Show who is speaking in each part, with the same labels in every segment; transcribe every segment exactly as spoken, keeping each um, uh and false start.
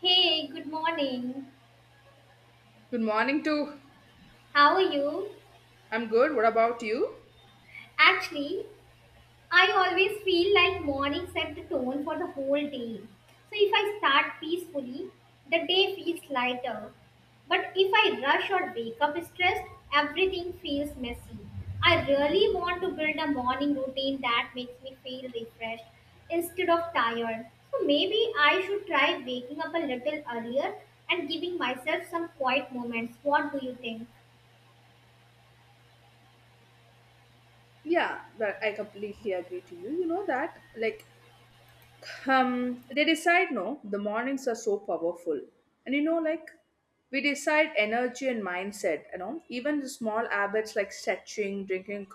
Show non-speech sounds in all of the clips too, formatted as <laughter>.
Speaker 1: Hey, good morning.
Speaker 2: Good morning too.
Speaker 1: How are you?
Speaker 2: I'm good. What about you?
Speaker 1: Actually, I always feel like morning set the tone for the whole day. So if I start peacefully, the day feels lighter. But if I rush or wake up stressed, everything feels messy. I really want to build a morning routine that makes me feel refreshed instead of tired. So maybe I should try waking up a little earlier and giving myself some quiet moments. What do you think?
Speaker 2: Yeah, that I completely agree to you. You know that like um, they decide no the mornings are so powerful, and you know like we decide energy and mindset, you know, even the small habits like stretching, drinking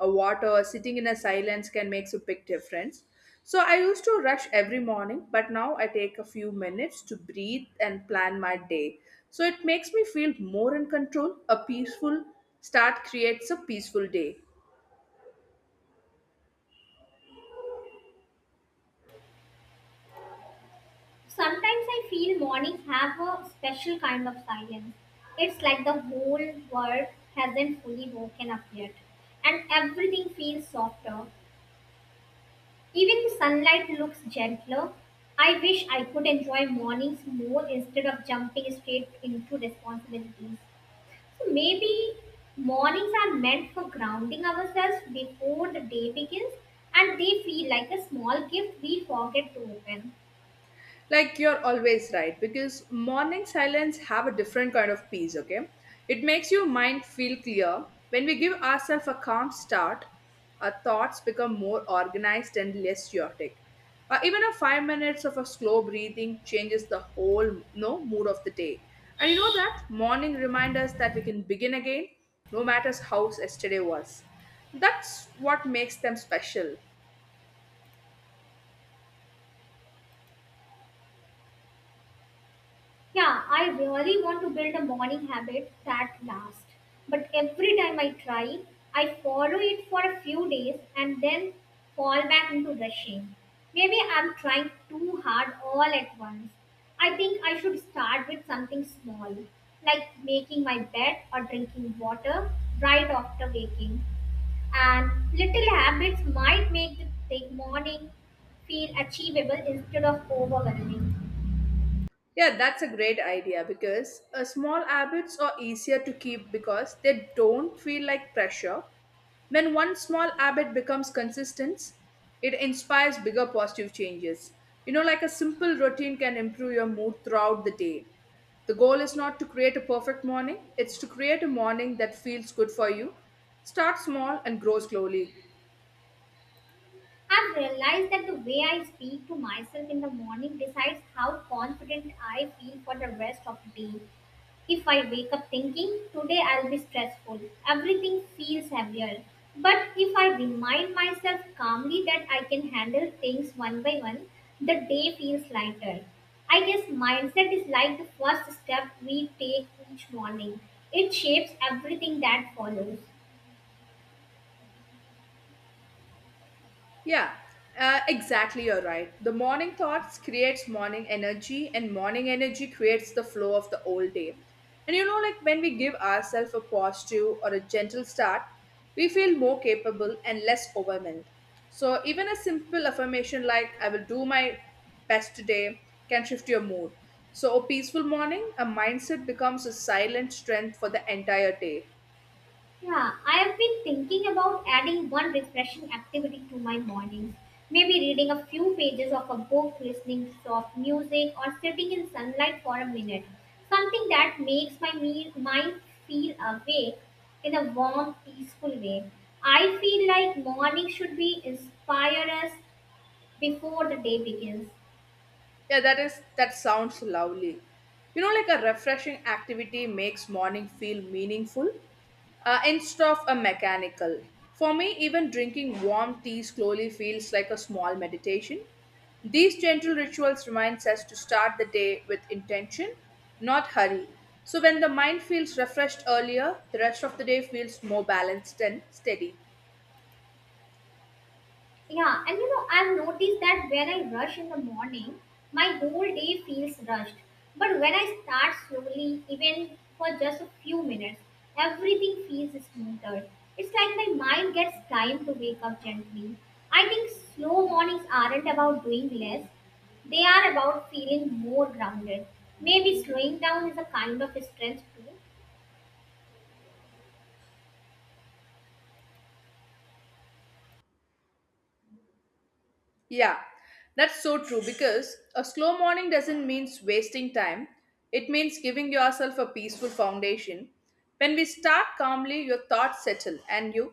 Speaker 2: a water, sitting in a silence can make a big difference. So I used to rush every morning, but now I take a few minutes to breathe and plan my day, so it makes me feel more in control. A peaceful start creates a peaceful day.
Speaker 1: Sometimes I feel mornings have a special kind of silence. It's like the whole world hasn't fully woken up yet, and everything feels softer. Even the sunlight looks gentler. I wish I could enjoy mornings more instead of jumping straight into responsibilities. So maybe mornings are meant for grounding ourselves before the day begins, and they feel like a small gift we forget to open.
Speaker 2: Like you're always right, because morning silence have a different kind of peace. Okay, it makes your mind feel clear. When we give ourselves a calm start, our thoughts become more organized and less chaotic. Uh, even a five minutes of a slow breathing changes the whole no mood of the day. And you know that morning remind us that we can begin again, no matter how yesterday was. That's what makes them special.
Speaker 1: Yeah, I really want to build a morning habit that lasts. But every time I try, I follow it for a few days and then fall back into rushing. Maybe I'm trying too hard all at once. I think I should start with something small, like making my bed or drinking water right after waking. And little habits might make the big morning feel achievable instead of overwhelming.
Speaker 2: Yeah, that's a great idea, because uh, small habits are easier to keep because they don't feel like pressure. When one small habit becomes consistent, it inspires bigger positive changes. You know, like a simple routine can improve your mood throughout the day. The goal is not to create a perfect morning, it's to create a morning that feels good for you. Start small and grow slowly.
Speaker 1: I've realized that the way I speak to myself in the morning decides how confident I feel for the rest of the day. If I wake up thinking, today I'll be stressful, everything feels heavier. But if I remind myself calmly that I can handle things one by one, the day feels lighter. I guess mindset is like the first step we take each morning, it shapes everything that follows.
Speaker 2: Yeah, uh, exactly. You're right. The morning thoughts creates morning energy, and morning energy creates the flow of the whole day. And you know, like when we give ourselves a positive or a gentle start, we feel more capable and less overwhelmed. So even a simple affirmation like "I will do my best today" can shift your mood. So a peaceful morning, a mindset becomes a silent strength for the entire day.
Speaker 1: Yeah, I have been thinking about adding one refreshing activity to my mornings. Maybe reading a few pages of a book, listening to soft music, or sitting in sunlight for a minute. Something that makes my me- mind feel awake in a warm, peaceful way. I feel like morning should be inspire us before the day begins.
Speaker 2: Yeah, that is that sounds lovely. You know, like a refreshing activity makes morning feel meaningful uh, instead of a mechanical. For me, even drinking warm tea slowly feels like a small meditation. These gentle rituals reminds us to start the day with intention, not hurry. So when the mind feels refreshed earlier, the rest of the day feels more balanced and steady.
Speaker 1: Yeah, and you know, I've noticed that when I rush in the morning, my whole day feels rushed. But when I start slowly, even for just a few minutes, everything feels smoother. It's like my mind gets time to wake up gently. I think slow mornings aren't about doing less, they are about feeling more grounded. Maybe slowing down is a kind of strength too,
Speaker 2: Yeah, that's so true, because a slow morning doesn't mean wasting time. It means giving yourself a peaceful foundation. When we start calmly, your thoughts settle and your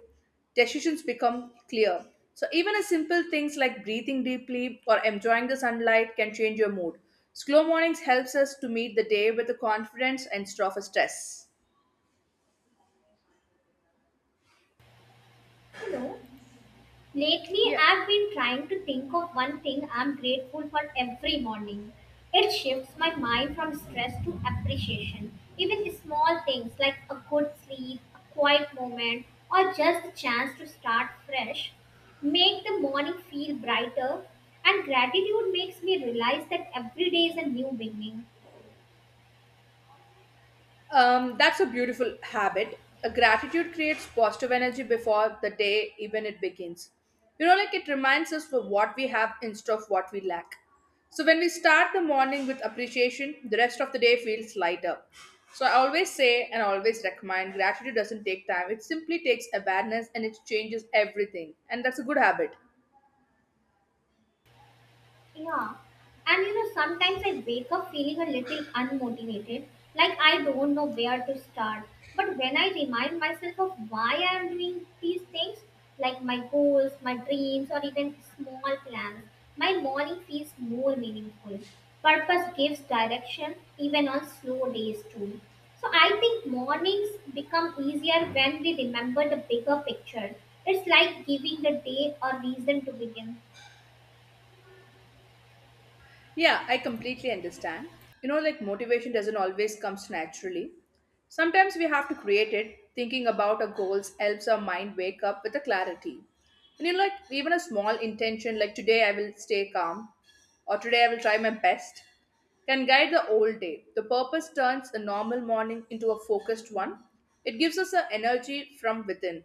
Speaker 2: decisions become clear. So, even a simple things like breathing deeply or enjoying the sunlight can change your mood. Slow mornings helps us to meet the day with the confidence instead of a stress.
Speaker 1: you know. Lately,
Speaker 2: Yeah.
Speaker 1: I've been trying to think of one thing I'm grateful for every morning. It shifts my mind from stress to appreciation. Even small things like a good sleep, a quiet moment, or just the chance to start fresh make the morning feel brighter. And gratitude makes me realize that every day is a new beginning.
Speaker 2: Um, that's a beautiful habit. A gratitude creates positive energy before the day even it begins. You know, like it reminds us for what we have instead of what we lack. So when we start the morning with appreciation, the rest of the day feels lighter. So I always say and always recommend gratitude doesn't take time. It simply takes awareness, and it changes everything. And that's a good habit.
Speaker 1: Yeah. And you know, sometimes I wake up feeling a little unmotivated, like I don't know where to start. But when I remind myself of why I am doing these things, like my goals, my dreams, or even small plans, my morning feels more meaningful. Purpose gives direction even on slow days, too. So I think mornings become easier when we remember the bigger picture. It's like giving the day a reason to begin.
Speaker 2: Yeah, I completely understand. You know, like motivation doesn't always comes naturally. Sometimes we have to create it. Thinking about our goals helps our mind wake up with a clarity. And you know, like even a small intention, like today I will stay calm, or today I will try my best, can guide the whole day. The purpose turns a normal morning into a focused one. It gives us the energy from within.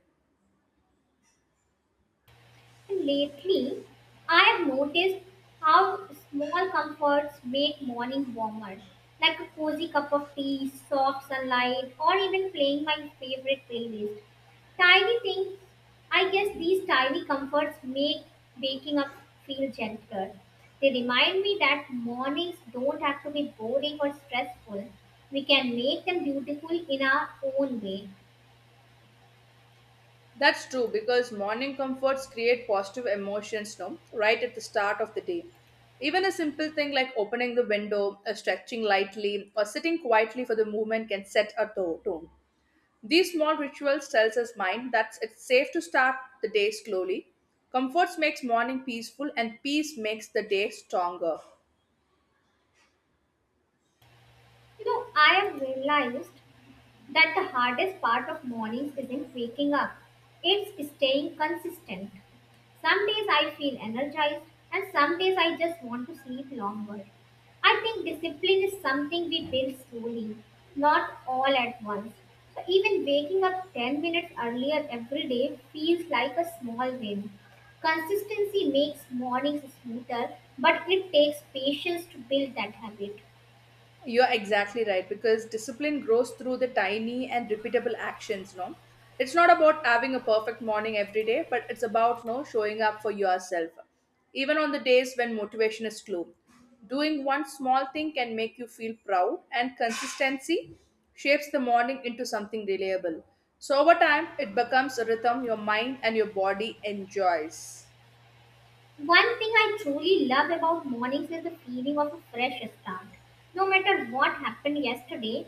Speaker 1: Lately, I have noticed how small comforts make morning warmer, like a cozy cup of tea, soft sunlight, or even playing my favorite playlist. Tiny things, I guess these tiny comforts make waking up feel gentler. They remind me that mornings don't have to be boring or stressful. We can make them beautiful in our own way.
Speaker 2: That's true, because morning comforts create positive emotions, no? Right at the start of the day. Even a simple thing like opening the window, or stretching lightly, or sitting quietly for the movement can set a to- tone. These small rituals tells us mind that it's safe to start the day slowly. Comforts makes morning peaceful, and peace makes the day stronger.
Speaker 1: You know, I have realized that the hardest part of mornings isn't waking up, it's staying consistent. Some days I feel energized, and some days I just want to sleep longer. I think discipline is something we build slowly, not all at once. So even waking up ten minutes earlier every day feels like a small win. Consistency makes mornings smoother, but it takes patience to build that habit.
Speaker 2: You're exactly right, because discipline grows through the tiny and repeatable actions, no? It's not about having a perfect morning every day, but it's about no showing up for yourself. Even on the days when motivation is low. Doing one small thing can make you feel proud, and consistency shapes the morning into something reliable. So over time it becomes a rhythm your mind and your body enjoys.
Speaker 1: One thing I truly love about mornings is the feeling of a fresh start. No matter what happened yesterday,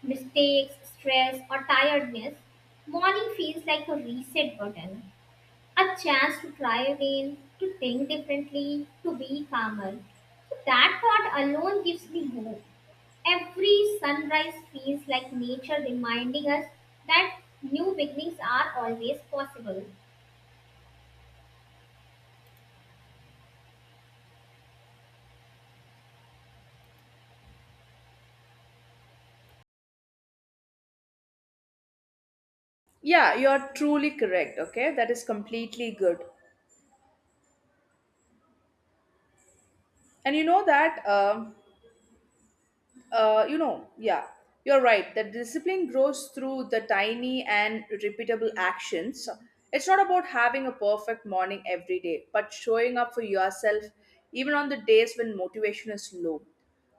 Speaker 1: mistakes, stress, or tiredness, morning feels like a reset button, a chance to try again, to think differently, to be calmer. So that thought alone gives me hope. Every sunrise feels like nature reminding us that new beginnings are always possible.
Speaker 2: Yeah, you're truly correct. Okay, that is completely good. And you know that um Uh, you know, yeah, you're right. That discipline grows through the tiny and repeatable actions. It's not about having a perfect morning every day, but showing up for yourself even on the days when motivation is low.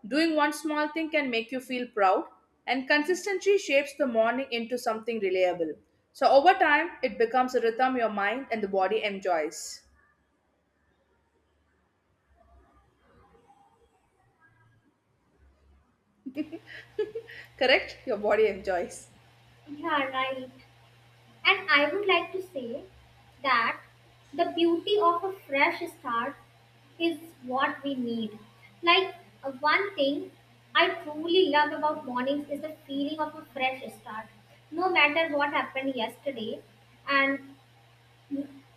Speaker 2: Doing one small thing can make you feel proud, and consistency shapes the morning into something reliable. So, over time, it becomes a rhythm your mind and the body enjoys. Correct? Your body enjoys.
Speaker 1: Yeah, right. And I would like to say that the beauty of a fresh start is what we need. Like uh, one thing I truly love about mornings is the feeling of a fresh start. No matter what happened yesterday, and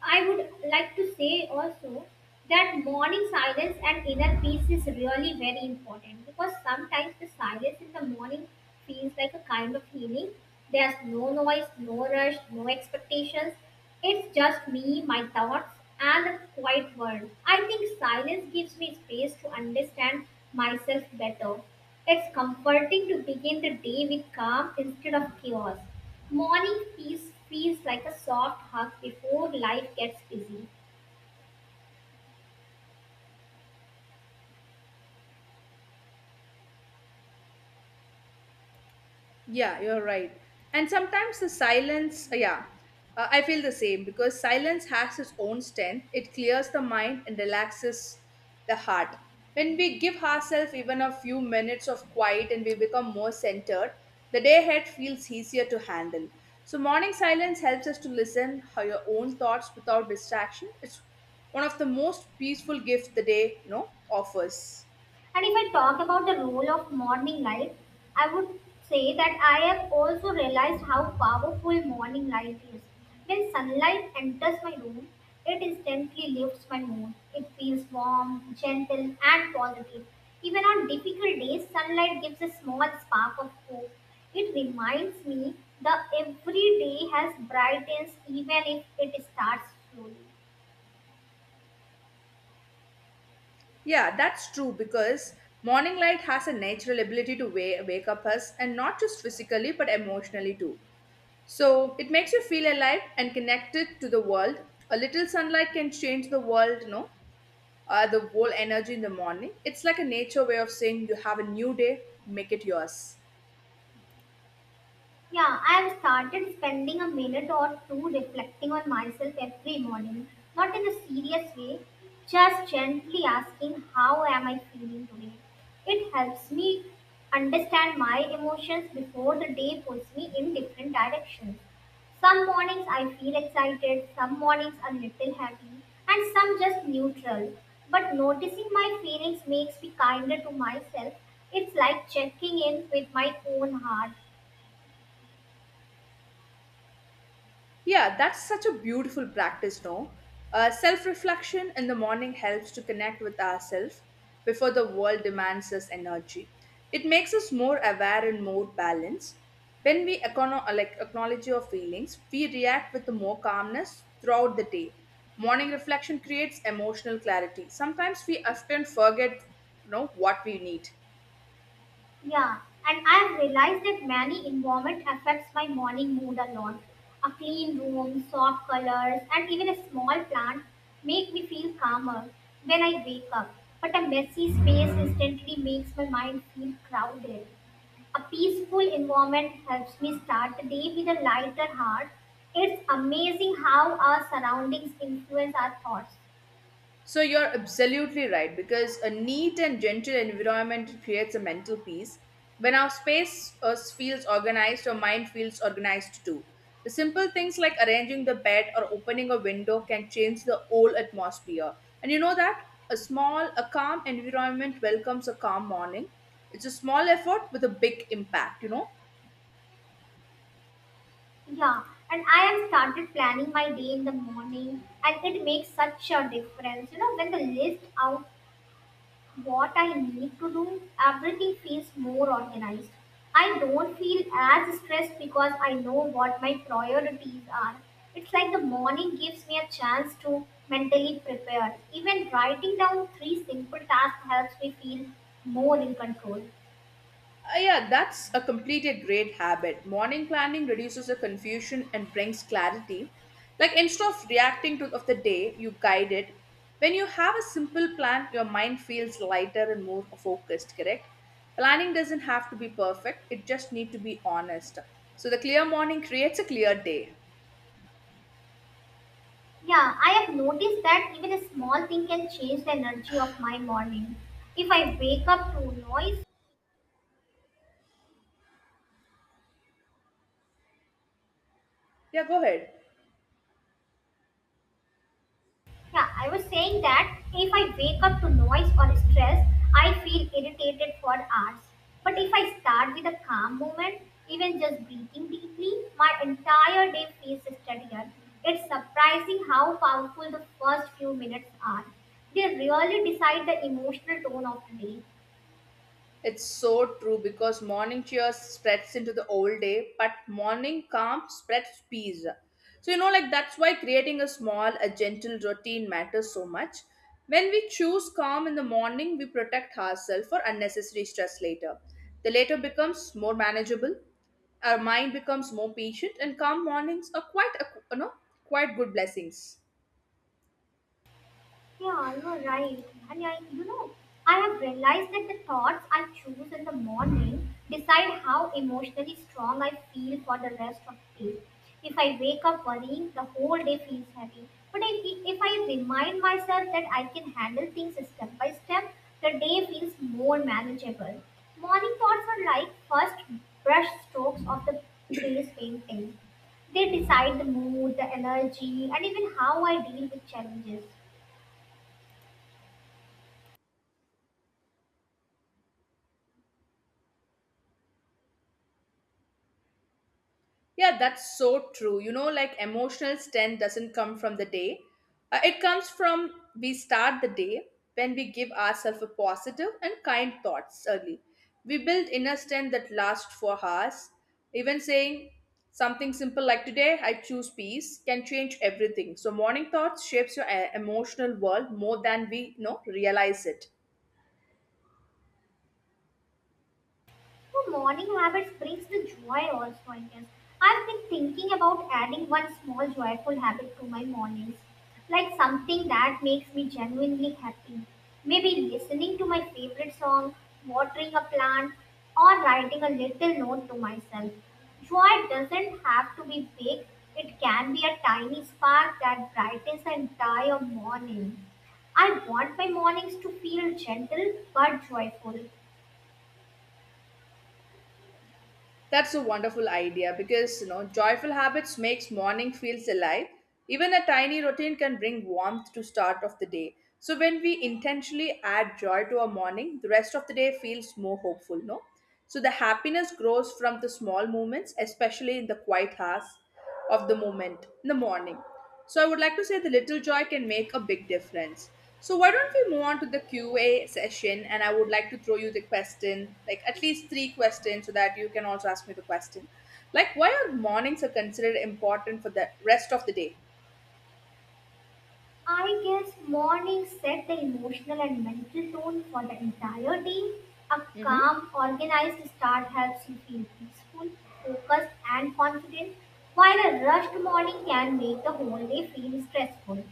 Speaker 1: I would like to say also that morning silence and inner peace is really very important because sometimes the silence in the morning feels like a kind of healing. There's no noise, no rush, no expectations. It's just me, my thoughts, and a quiet world. I think silence gives me space to understand myself better. It's comforting to begin the day with calm instead of chaos. Morning feels feels like a soft hug before life gets busy.
Speaker 2: Yeah, you're right. And sometimes the silence, uh, yeah, uh, I feel the same, because silence has its own strength. It clears the mind and relaxes the heart. When we give ourselves even a few minutes of quiet, and we become more centered, the day ahead feels easier to handle. So, morning silence helps us to listen how your own thoughts without distraction. It's one of the most peaceful gifts the day, you know, offers.
Speaker 1: And if I talk about the role of morning light, I would say that I have also realized how powerful morning light is. When sunlight enters my room, it instantly lifts my mood. It feels warm, gentle, and positive. Even on difficult days, sunlight gives a small spark of hope. It reminds me that every day has brightness even if it starts slowly.
Speaker 2: Yeah, that's true, because morning light has a natural ability to wa- wake up us, and not just physically but emotionally too. So it makes you feel alive and connected to the world. A little sunlight can change the world, you know, uh, the whole energy in the morning. It's like a nature way of saying you have a new day, make it yours.
Speaker 1: Yeah, I've started spending a minute or two reflecting on myself every morning, not in a serious way, just gently asking how am I feeling today. It helps me understand my emotions before the day pulls me in different directions. Some mornings I feel excited, some mornings a little happy, and some just neutral. But noticing my feelings makes me kinder to myself. It's like checking in with my own heart.
Speaker 2: Yeah, that's such a beautiful practice, no? Uh, Self reflection in the morning helps to connect with ourselves before the world demands us energy. It makes us more aware and more balanced. When we econo- uh, like acknowledge our feelings, we react with more calmness throughout the day. Morning reflection creates emotional clarity. Sometimes we often forget, you know, what we need.
Speaker 1: Yeah, and I've realized that many environment affects my morning mood a lot. A clean room, soft colors, and even a small plant make me feel calmer when I wake up. But a messy space instantly makes my mind feel crowded. A peaceful environment helps me start the day with a lighter heart. It's amazing how our surroundings influence our thoughts.
Speaker 2: So you're absolutely right, because a neat and gentle environment creates a mental peace. When our space uh, feels organized, our mind feels organized too. The simple things like arranging the bed or opening a window can change the whole atmosphere. And you know that a small, a calm environment welcomes a calm morning. It's a small effort with a big impact, you know.
Speaker 1: Yeah, and I have started planning my day in the morning, and it makes such a difference. You know, when the list out what I need to do, everything feels more organized. I don't feel as stressed because I know what my priorities are. It's like the morning gives me a chance to mentally prepare. Even writing down three simple tasks helps me feel more in control.
Speaker 2: Uh, yeah, that's a completed great habit. Morning planning reduces the confusion and brings clarity. Like instead of reacting to of the day, you guide it. When you have a simple plan, your mind feels lighter and more focused, correct? Planning doesn't have to be perfect, it just need to be honest. So the clear morning creates a clear day.
Speaker 1: Yeah, I have noticed that even a small thing can change the energy of my morning. If I wake up to noise,
Speaker 2: Yeah, go ahead.
Speaker 1: yeah, I was saying that if I wake up to noise or stress, I feel irritated for hours. But if I start with a calm moment, even just breathing deeply, my entire day feels steadier. It's surprising how powerful the first few minutes are. They really decide the emotional tone of the day.
Speaker 2: It's so true, because morning cheer spreads into the whole day, but morning calm spreads peace. So, you know, like that's why creating a small, a gentle routine matters so much. When we choose calm in the morning, we protect ourselves for unnecessary stress later. The later becomes more manageable, our mind becomes more patient, and calm mornings are quite, a, you know, quite good blessings.
Speaker 1: Yeah, you're right. And I, you know, I have realized that the thoughts I choose in the morning decide how emotionally strong I feel for the rest of the day. If I wake up worrying, the whole day feels heavy. But I, if I remind myself that I can handle things step by step, the day feels more manageable. Morning thoughts are like first brush strokes of the face painting. They decide the mood, the energy, and even how I deal with challenges.
Speaker 2: Yeah, that's so true. You know, like emotional strength doesn't come from the day. Uh, it comes from we start the day when we give ourselves a positive and kind thoughts early. We build inner strength that lasts for hours. Even saying something simple like today I choose peace can change everything. So morning thoughts shapes your uh, emotional world more than we, you know, realize it.
Speaker 1: Oh, morning habits brings the joy also, I guess. I've been thinking about adding one small joyful habit to my mornings, like something that makes me genuinely happy. Maybe listening to my favorite song, watering a plant, or writing a little note to myself. Joy doesn't have to be big, it can be a tiny spark that brightens the entire morning. I want my mornings to feel gentle but joyful.
Speaker 2: That's a wonderful idea, because you know joyful habits makes morning feels alive. Even a tiny routine can bring warmth to start of the day. So when we intentionally add joy to our morning, the rest of the day feels more hopeful, no? So the happiness grows from the small moments, especially in the quiet hours of the moment in the morning. So I would like to say the little joy can make a big difference. So why don't we move on to the Q A session, and I would like to throw you the question, like at least three questions so that you can also ask me the question. Like, why are mornings are considered important for the rest of the day?
Speaker 1: I guess morning set the emotional and mental tone for the entire day. A
Speaker 2: Mm-hmm.
Speaker 1: calm, organized start helps you feel peaceful, focused, and confident, while a rushed morning can make the whole day feel stressful.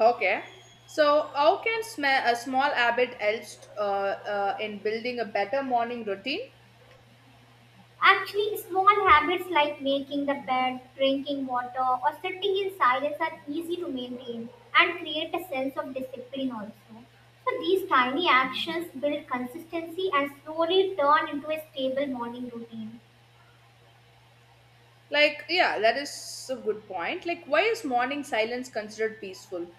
Speaker 2: Okay. So how can sma- a small habit helps uh, uh, in building a better morning routine?
Speaker 1: Actually, small habits like making the bed, drinking water, or sitting in silence are easy to maintain and create a sense of discipline also. So these tiny actions build consistency and slowly turn into a stable morning routine.
Speaker 2: Like yeah, that is a good point. Like, why is morning silence considered peaceful?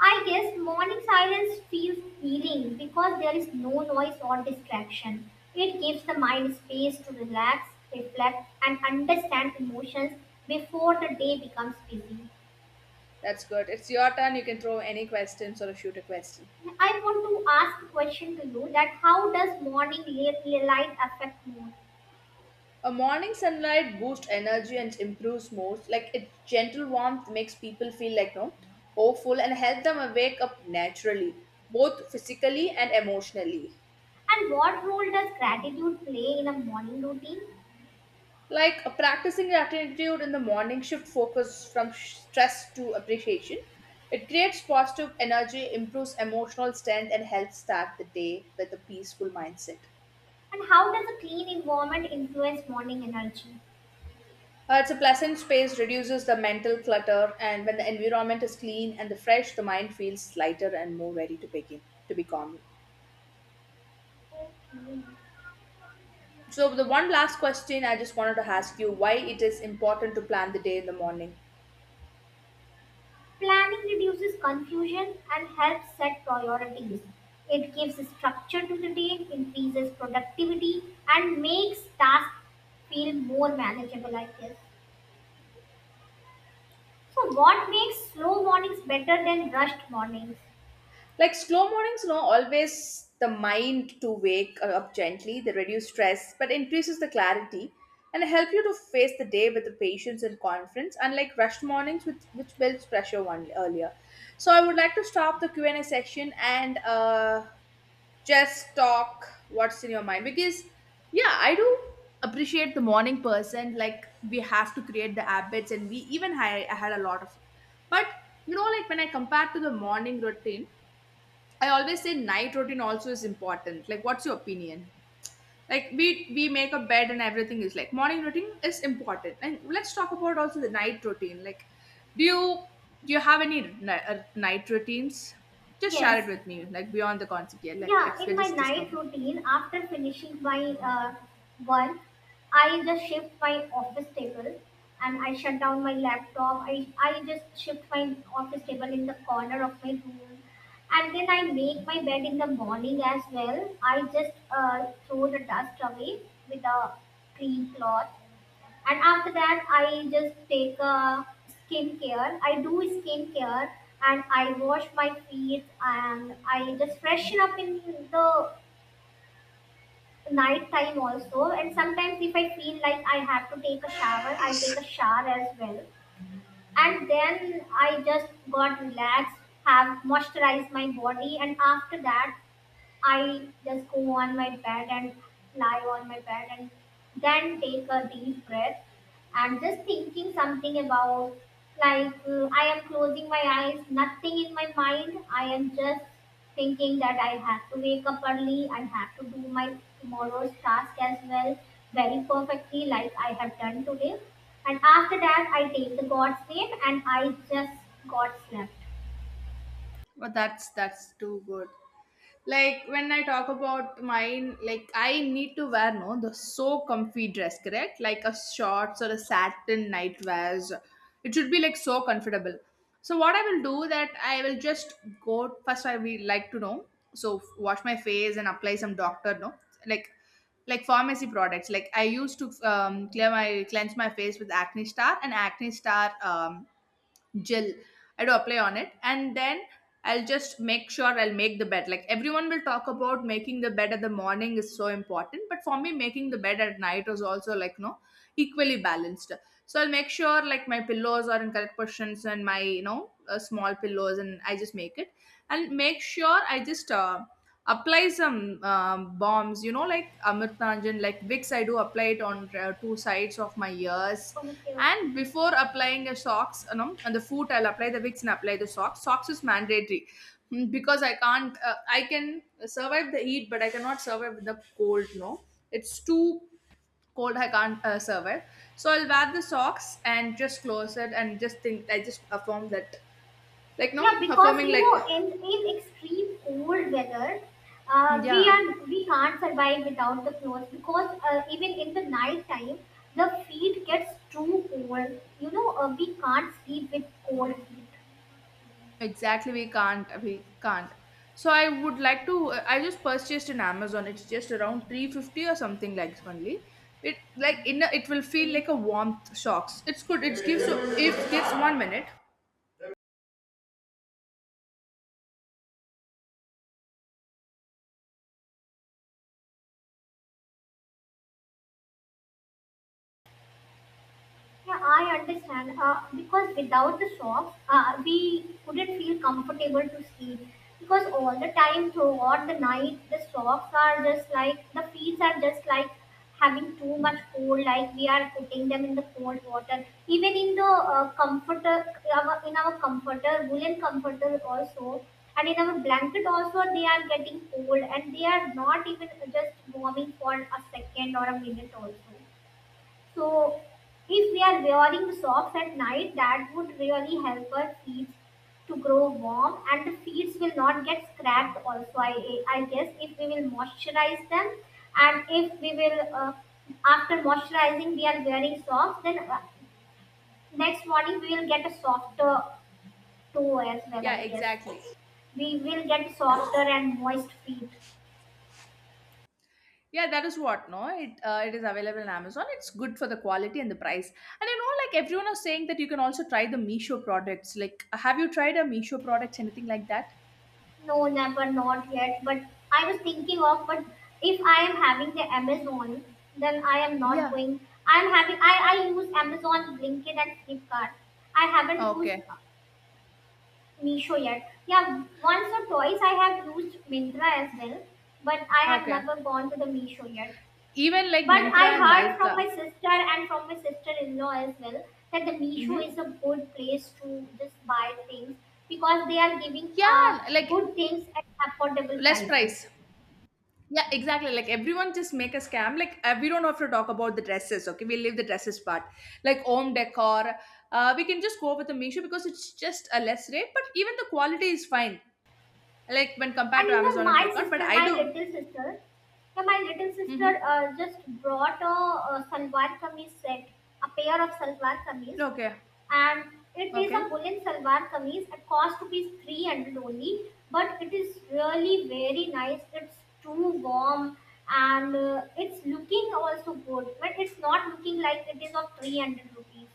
Speaker 1: I guess morning silence feels healing because there is no noise or distraction. It gives the mind space to relax, reflect, and understand emotions before the day becomes busy.
Speaker 2: That's good. It's your turn. You can throw any questions or shoot a question.
Speaker 1: I want to ask a question to you that how does morning li- light affect mood?
Speaker 2: A morning sunlight boosts energy and improves mood. Like its gentle warmth makes people feel like no hopeful and help them wake up naturally, both physically and emotionally.
Speaker 1: And what role does gratitude play in a morning routine?
Speaker 2: Like uh, practicing gratitude in the morning shift focus from sh- stress to appreciation. It creates positive energy, improves emotional strength, and helps start the day with a peaceful mindset.
Speaker 1: And how does a clean environment influence morning energy?
Speaker 2: Uh, it's a pleasant space, reduces the mental clutter, and when the environment is clean and the fresh, the mind feels lighter and more ready to begin to be calm. So the one last question I just wanted to ask you: why it is important to plan the day in the morning?
Speaker 1: Planning reduces confusion and helps set priorities. It gives structure to the day, increases productivity, and makes tasks feel more manageable, I guess. So, what makes slow mornings better than rushed mornings?
Speaker 2: Like slow mornings, you know, always the mind to wake up gently. They reduce stress, but increases the clarity and help you to face the day with the patience and confidence. Unlike rushed mornings, with which builds pressure one earlier. So I would like to stop the Q and A session and. Uh, just talk what's in your mind because yeah I do appreciate the morning person. Like we have to create the habits and we even had, I had a lot of but you know, like when I compare to the morning routine, I always say night routine also is important. Like what's your opinion? Like we we make a bed and everything is like morning routine is important, and let's talk about also the night routine. Like do you do you have any ni- uh, night routines? Just share it
Speaker 1: Yes,
Speaker 2: with me like beyond the concept. Yeah, like like
Speaker 1: Yeah, in
Speaker 2: we're
Speaker 1: my
Speaker 2: just
Speaker 1: night
Speaker 2: discussing.
Speaker 1: routine, after finishing my uh, work, I just shift my office table and I shut down my laptop. I, I just shift my office table in the corner of my room. And then I make my bed in the morning as well. I just uh, throw the dust away with a clean cloth, and after that I just take a skincare, I do skincare, and I wash my feet, and I just freshen up in the night time also. And sometimes if I feel like I have to take a shower, I take a shower as well, and then I just got relaxed, have moisturized my body. And after that I just go on my bed and lie on my bed and then take a deep breath and just thinking something about, like uh, I am closing my eyes, nothing in my mind. I am just thinking that I have to wake up early, I have to do my tomorrow's task as well very perfectly like I have done today. And after that I take the God's name and I just got slept.
Speaker 2: Well, that's that's too good. Like when I talk about mine, like I need to wear no the so comfy dress, correct? Like a shorts or a satin nightwears. It should be like so comfortable. So what I will do that I will just go first. I will like to know. So wash my face and apply some doctor no like like pharmacy products. Like I used to um, clear my cleanse my face with Acne Star, and Acne Star um, gel I do apply on it. And then I'll just make sure I'll make the bed. Like everyone will talk about making the bed at the morning is so important, but for me making the bed at night was also like no equally balanced. So I'll make sure like my pillows are in correct positions, and my you know uh, small pillows, and I just make it, and make sure I just uh, apply some um, bombs, you know, like Amritanjan, like Vicks. I do apply it on uh, two sides of my ears.
Speaker 1: Okay,
Speaker 2: And
Speaker 1: okay.
Speaker 2: before applying a socks, you know, on the foot, I'll apply the wicks and apply the socks. Socks is mandatory. Mm, because I can't. Uh, I can survive the heat, but I cannot survive the cold. No, it's too cold. I can't uh, survive. So I'll wear the socks and just close it and just think. I just affirm that, like, no,
Speaker 1: Yeah, because
Speaker 2: affirming
Speaker 1: you
Speaker 2: like,
Speaker 1: know, in in extreme cold weather,
Speaker 2: hmm,
Speaker 1: uh, we
Speaker 2: yeah.
Speaker 1: are we can't survive without the clothes, because uh, even in the night time, the feet gets too cold. You know, uh, we can't sleep with cold feet.
Speaker 2: Exactly, we can't. We can't. So I would like to. I just purchased in Amazon. It's just around three fifty or something like only. It like in a, it will feel
Speaker 1: Okay.
Speaker 2: like a warmth shocks. It's good. It gives if gives one minute.
Speaker 1: Yeah, I understand. Uh, because without the socks, uh, we couldn't feel comfortable to sleep. Because all the time throughout the night, the socks are just like, the feet are just like having too much cold. Like we are putting them in the cold water. Even in the uh, comforter, our- in our comforter, woolen comforter also, and in our blanket also, they are getting cold, and they are not even just warming for a second or a minute also. So if we are wearing socks at night, that would really help our feet to grow warm, and the feet will not get scratched also. I, I guess if we will moisturize them, and if we will, uh, after moisturizing, we are wearing socks, then uh, next morning we will get a softer toe as well,
Speaker 2: Yeah,
Speaker 1: I guess.
Speaker 2: exactly.
Speaker 1: We will get softer and moist feet.
Speaker 2: Yeah, that is what. No, it uh, it is available in Amazon. It's good for the quality and the price. And you know, like everyone is saying that you can also try the Meesho products. Like, have you tried a Meesho products? Anything like that?
Speaker 1: No, never, not yet. But I was thinking of, but if I am having the Amazon, then I am not
Speaker 2: Yeah.
Speaker 1: going. I am having, I, I use Amazon, Blinkit, and Flipkart. I haven't used
Speaker 2: Okay.
Speaker 1: Meesho yet. Yeah, once or twice I have used Mintra as well, but I have
Speaker 2: Okay.
Speaker 1: never gone to the Meesho yet.
Speaker 2: Even like
Speaker 1: But I
Speaker 2: Mintra and
Speaker 1: heard from
Speaker 2: Nykaa.
Speaker 1: my sister and from my sister-in-law as well that the Meesho is
Speaker 2: Mm-hmm.
Speaker 1: a good place to just buy things because they are giving uh,
Speaker 2: Yeah, like
Speaker 1: good things at affordable
Speaker 2: less
Speaker 1: prices.
Speaker 2: price. Yeah, exactly. Like everyone just make a scam. Like uh, we don't have to talk about the dresses. Okay, we leave the dresses part. Like home decor, uh, we can just go with the Meesho because it's just a less rate. But even the quality is fine. Like when
Speaker 1: And
Speaker 2: compared to
Speaker 1: you know,
Speaker 2: Amazon and
Speaker 1: my
Speaker 2: Flipkart. But
Speaker 1: sister,
Speaker 2: I
Speaker 1: my
Speaker 2: do.
Speaker 1: little sister, yeah, my little sister
Speaker 2: Mm-hmm.
Speaker 1: uh, just brought a, a salwar kameez set, a pair of salwar kameez,
Speaker 2: Okay.
Speaker 1: and it is a
Speaker 2: Okay.
Speaker 1: woolen salwar kameez. It cost rupees three hundred only, but it is really very nice. It's too warm, and uh, it's looking also good, but it's not looking like it is of three hundred rupees.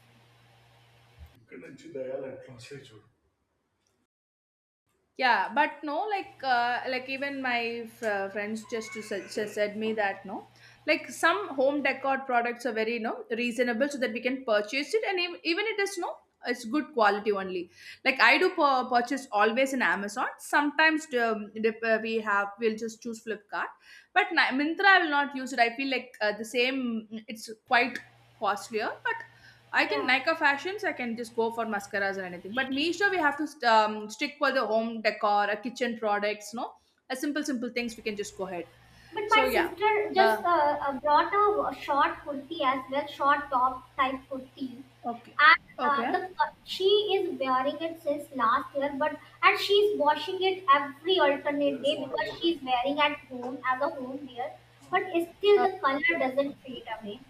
Speaker 2: Yeah, but no like uh, like even my f- uh, friends just to su- su- said me that no, like some home decor products are very no reasonable so that we can purchase it, and ev- even it is no, it's good quality only. Like I do pur- purchase always in Amazon. Sometimes um, dep- uh, we have we'll just choose Flipkart, but na- Mintra I will not use it. I feel like uh, the same, it's quite costlier. But I think
Speaker 1: Yeah.
Speaker 2: Nika fashions, I can just go for mascaras or anything. But Meesho, we have to um, stick for the home decor, uh, kitchen products, no? A simple, simple things we can just go ahead.
Speaker 1: But
Speaker 2: So,
Speaker 1: my
Speaker 2: yeah.
Speaker 1: sister
Speaker 2: Uh,
Speaker 1: just uh, uh, brought a a short kurti as well, short top type kurti,
Speaker 2: okay.
Speaker 1: and uh,
Speaker 2: Okay.
Speaker 1: the uh, she is wearing it since last year. But and she's washing it every alternate day because she's wearing at home as a home wear. But still,
Speaker 2: Uh,
Speaker 1: the color doesn't fade away.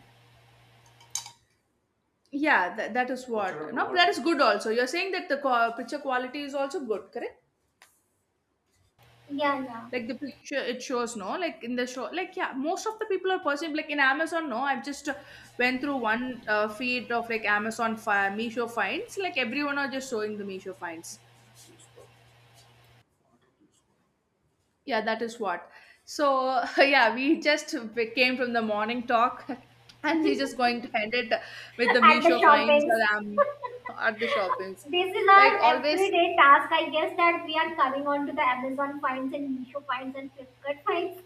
Speaker 2: yeah, that, that is what. No, that is good also. You're saying that the co- picture quality is also good, correct?
Speaker 1: Yeah, yeah.
Speaker 2: Like the picture, it shows, no? Like in the show, like, yeah, most of the people are positive. Like in Amazon, no? I've just uh, went through one uh, feed of like Amazon, fi- Misho finds. Like everyone are just showing the Meesho finds. Yeah, that is what. So <laughs> yeah, we just came from the morning talk, <laughs> and he's just going to end it with the
Speaker 1: <laughs> At the
Speaker 2: Misho finds
Speaker 1: shoppings.
Speaker 2: or um,
Speaker 1: <laughs>
Speaker 2: at the shoppings,
Speaker 1: This is
Speaker 2: like
Speaker 1: our
Speaker 2: always.
Speaker 1: everyday task, I guess, that we are coming on to the Amazon finds and Meesho finds and Flipkart finds.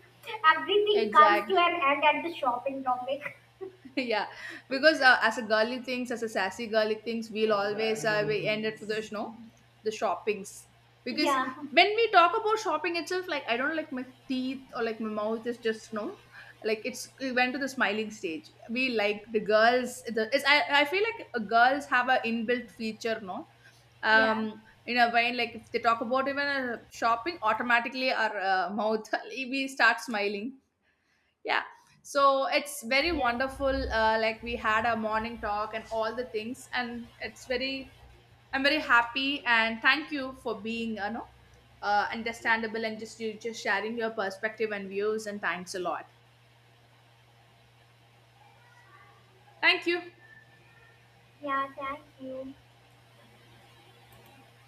Speaker 1: Everything comes
Speaker 2: Exactly.
Speaker 1: to an end at the shopping topic. <laughs>
Speaker 2: <laughs> Yeah, because uh, as a girly things, as a sassy girly things, we'll always uh, we end it for the snow, the shoppings. Because
Speaker 1: Yeah,
Speaker 2: when we talk about shopping itself, like I don't like my teeth or like my mouth is just no, like it's we went to the smiling stage. We like the girls the, it's, I, I feel like uh, girls have a inbuilt feature no,
Speaker 1: yeah,
Speaker 2: um in a way, like if they talk about even uh, shopping, automatically our uh, mouth <laughs> we start smiling. Yeah. So it's very
Speaker 1: yes,
Speaker 2: wonderful. uh, like we had a morning talk and all the things, and it's very I'm very happy. And thank you for being, you know, uh, understandable, and just you just sharing your perspective and views, and thanks a lot. Thank you.
Speaker 1: yeah. Thank you.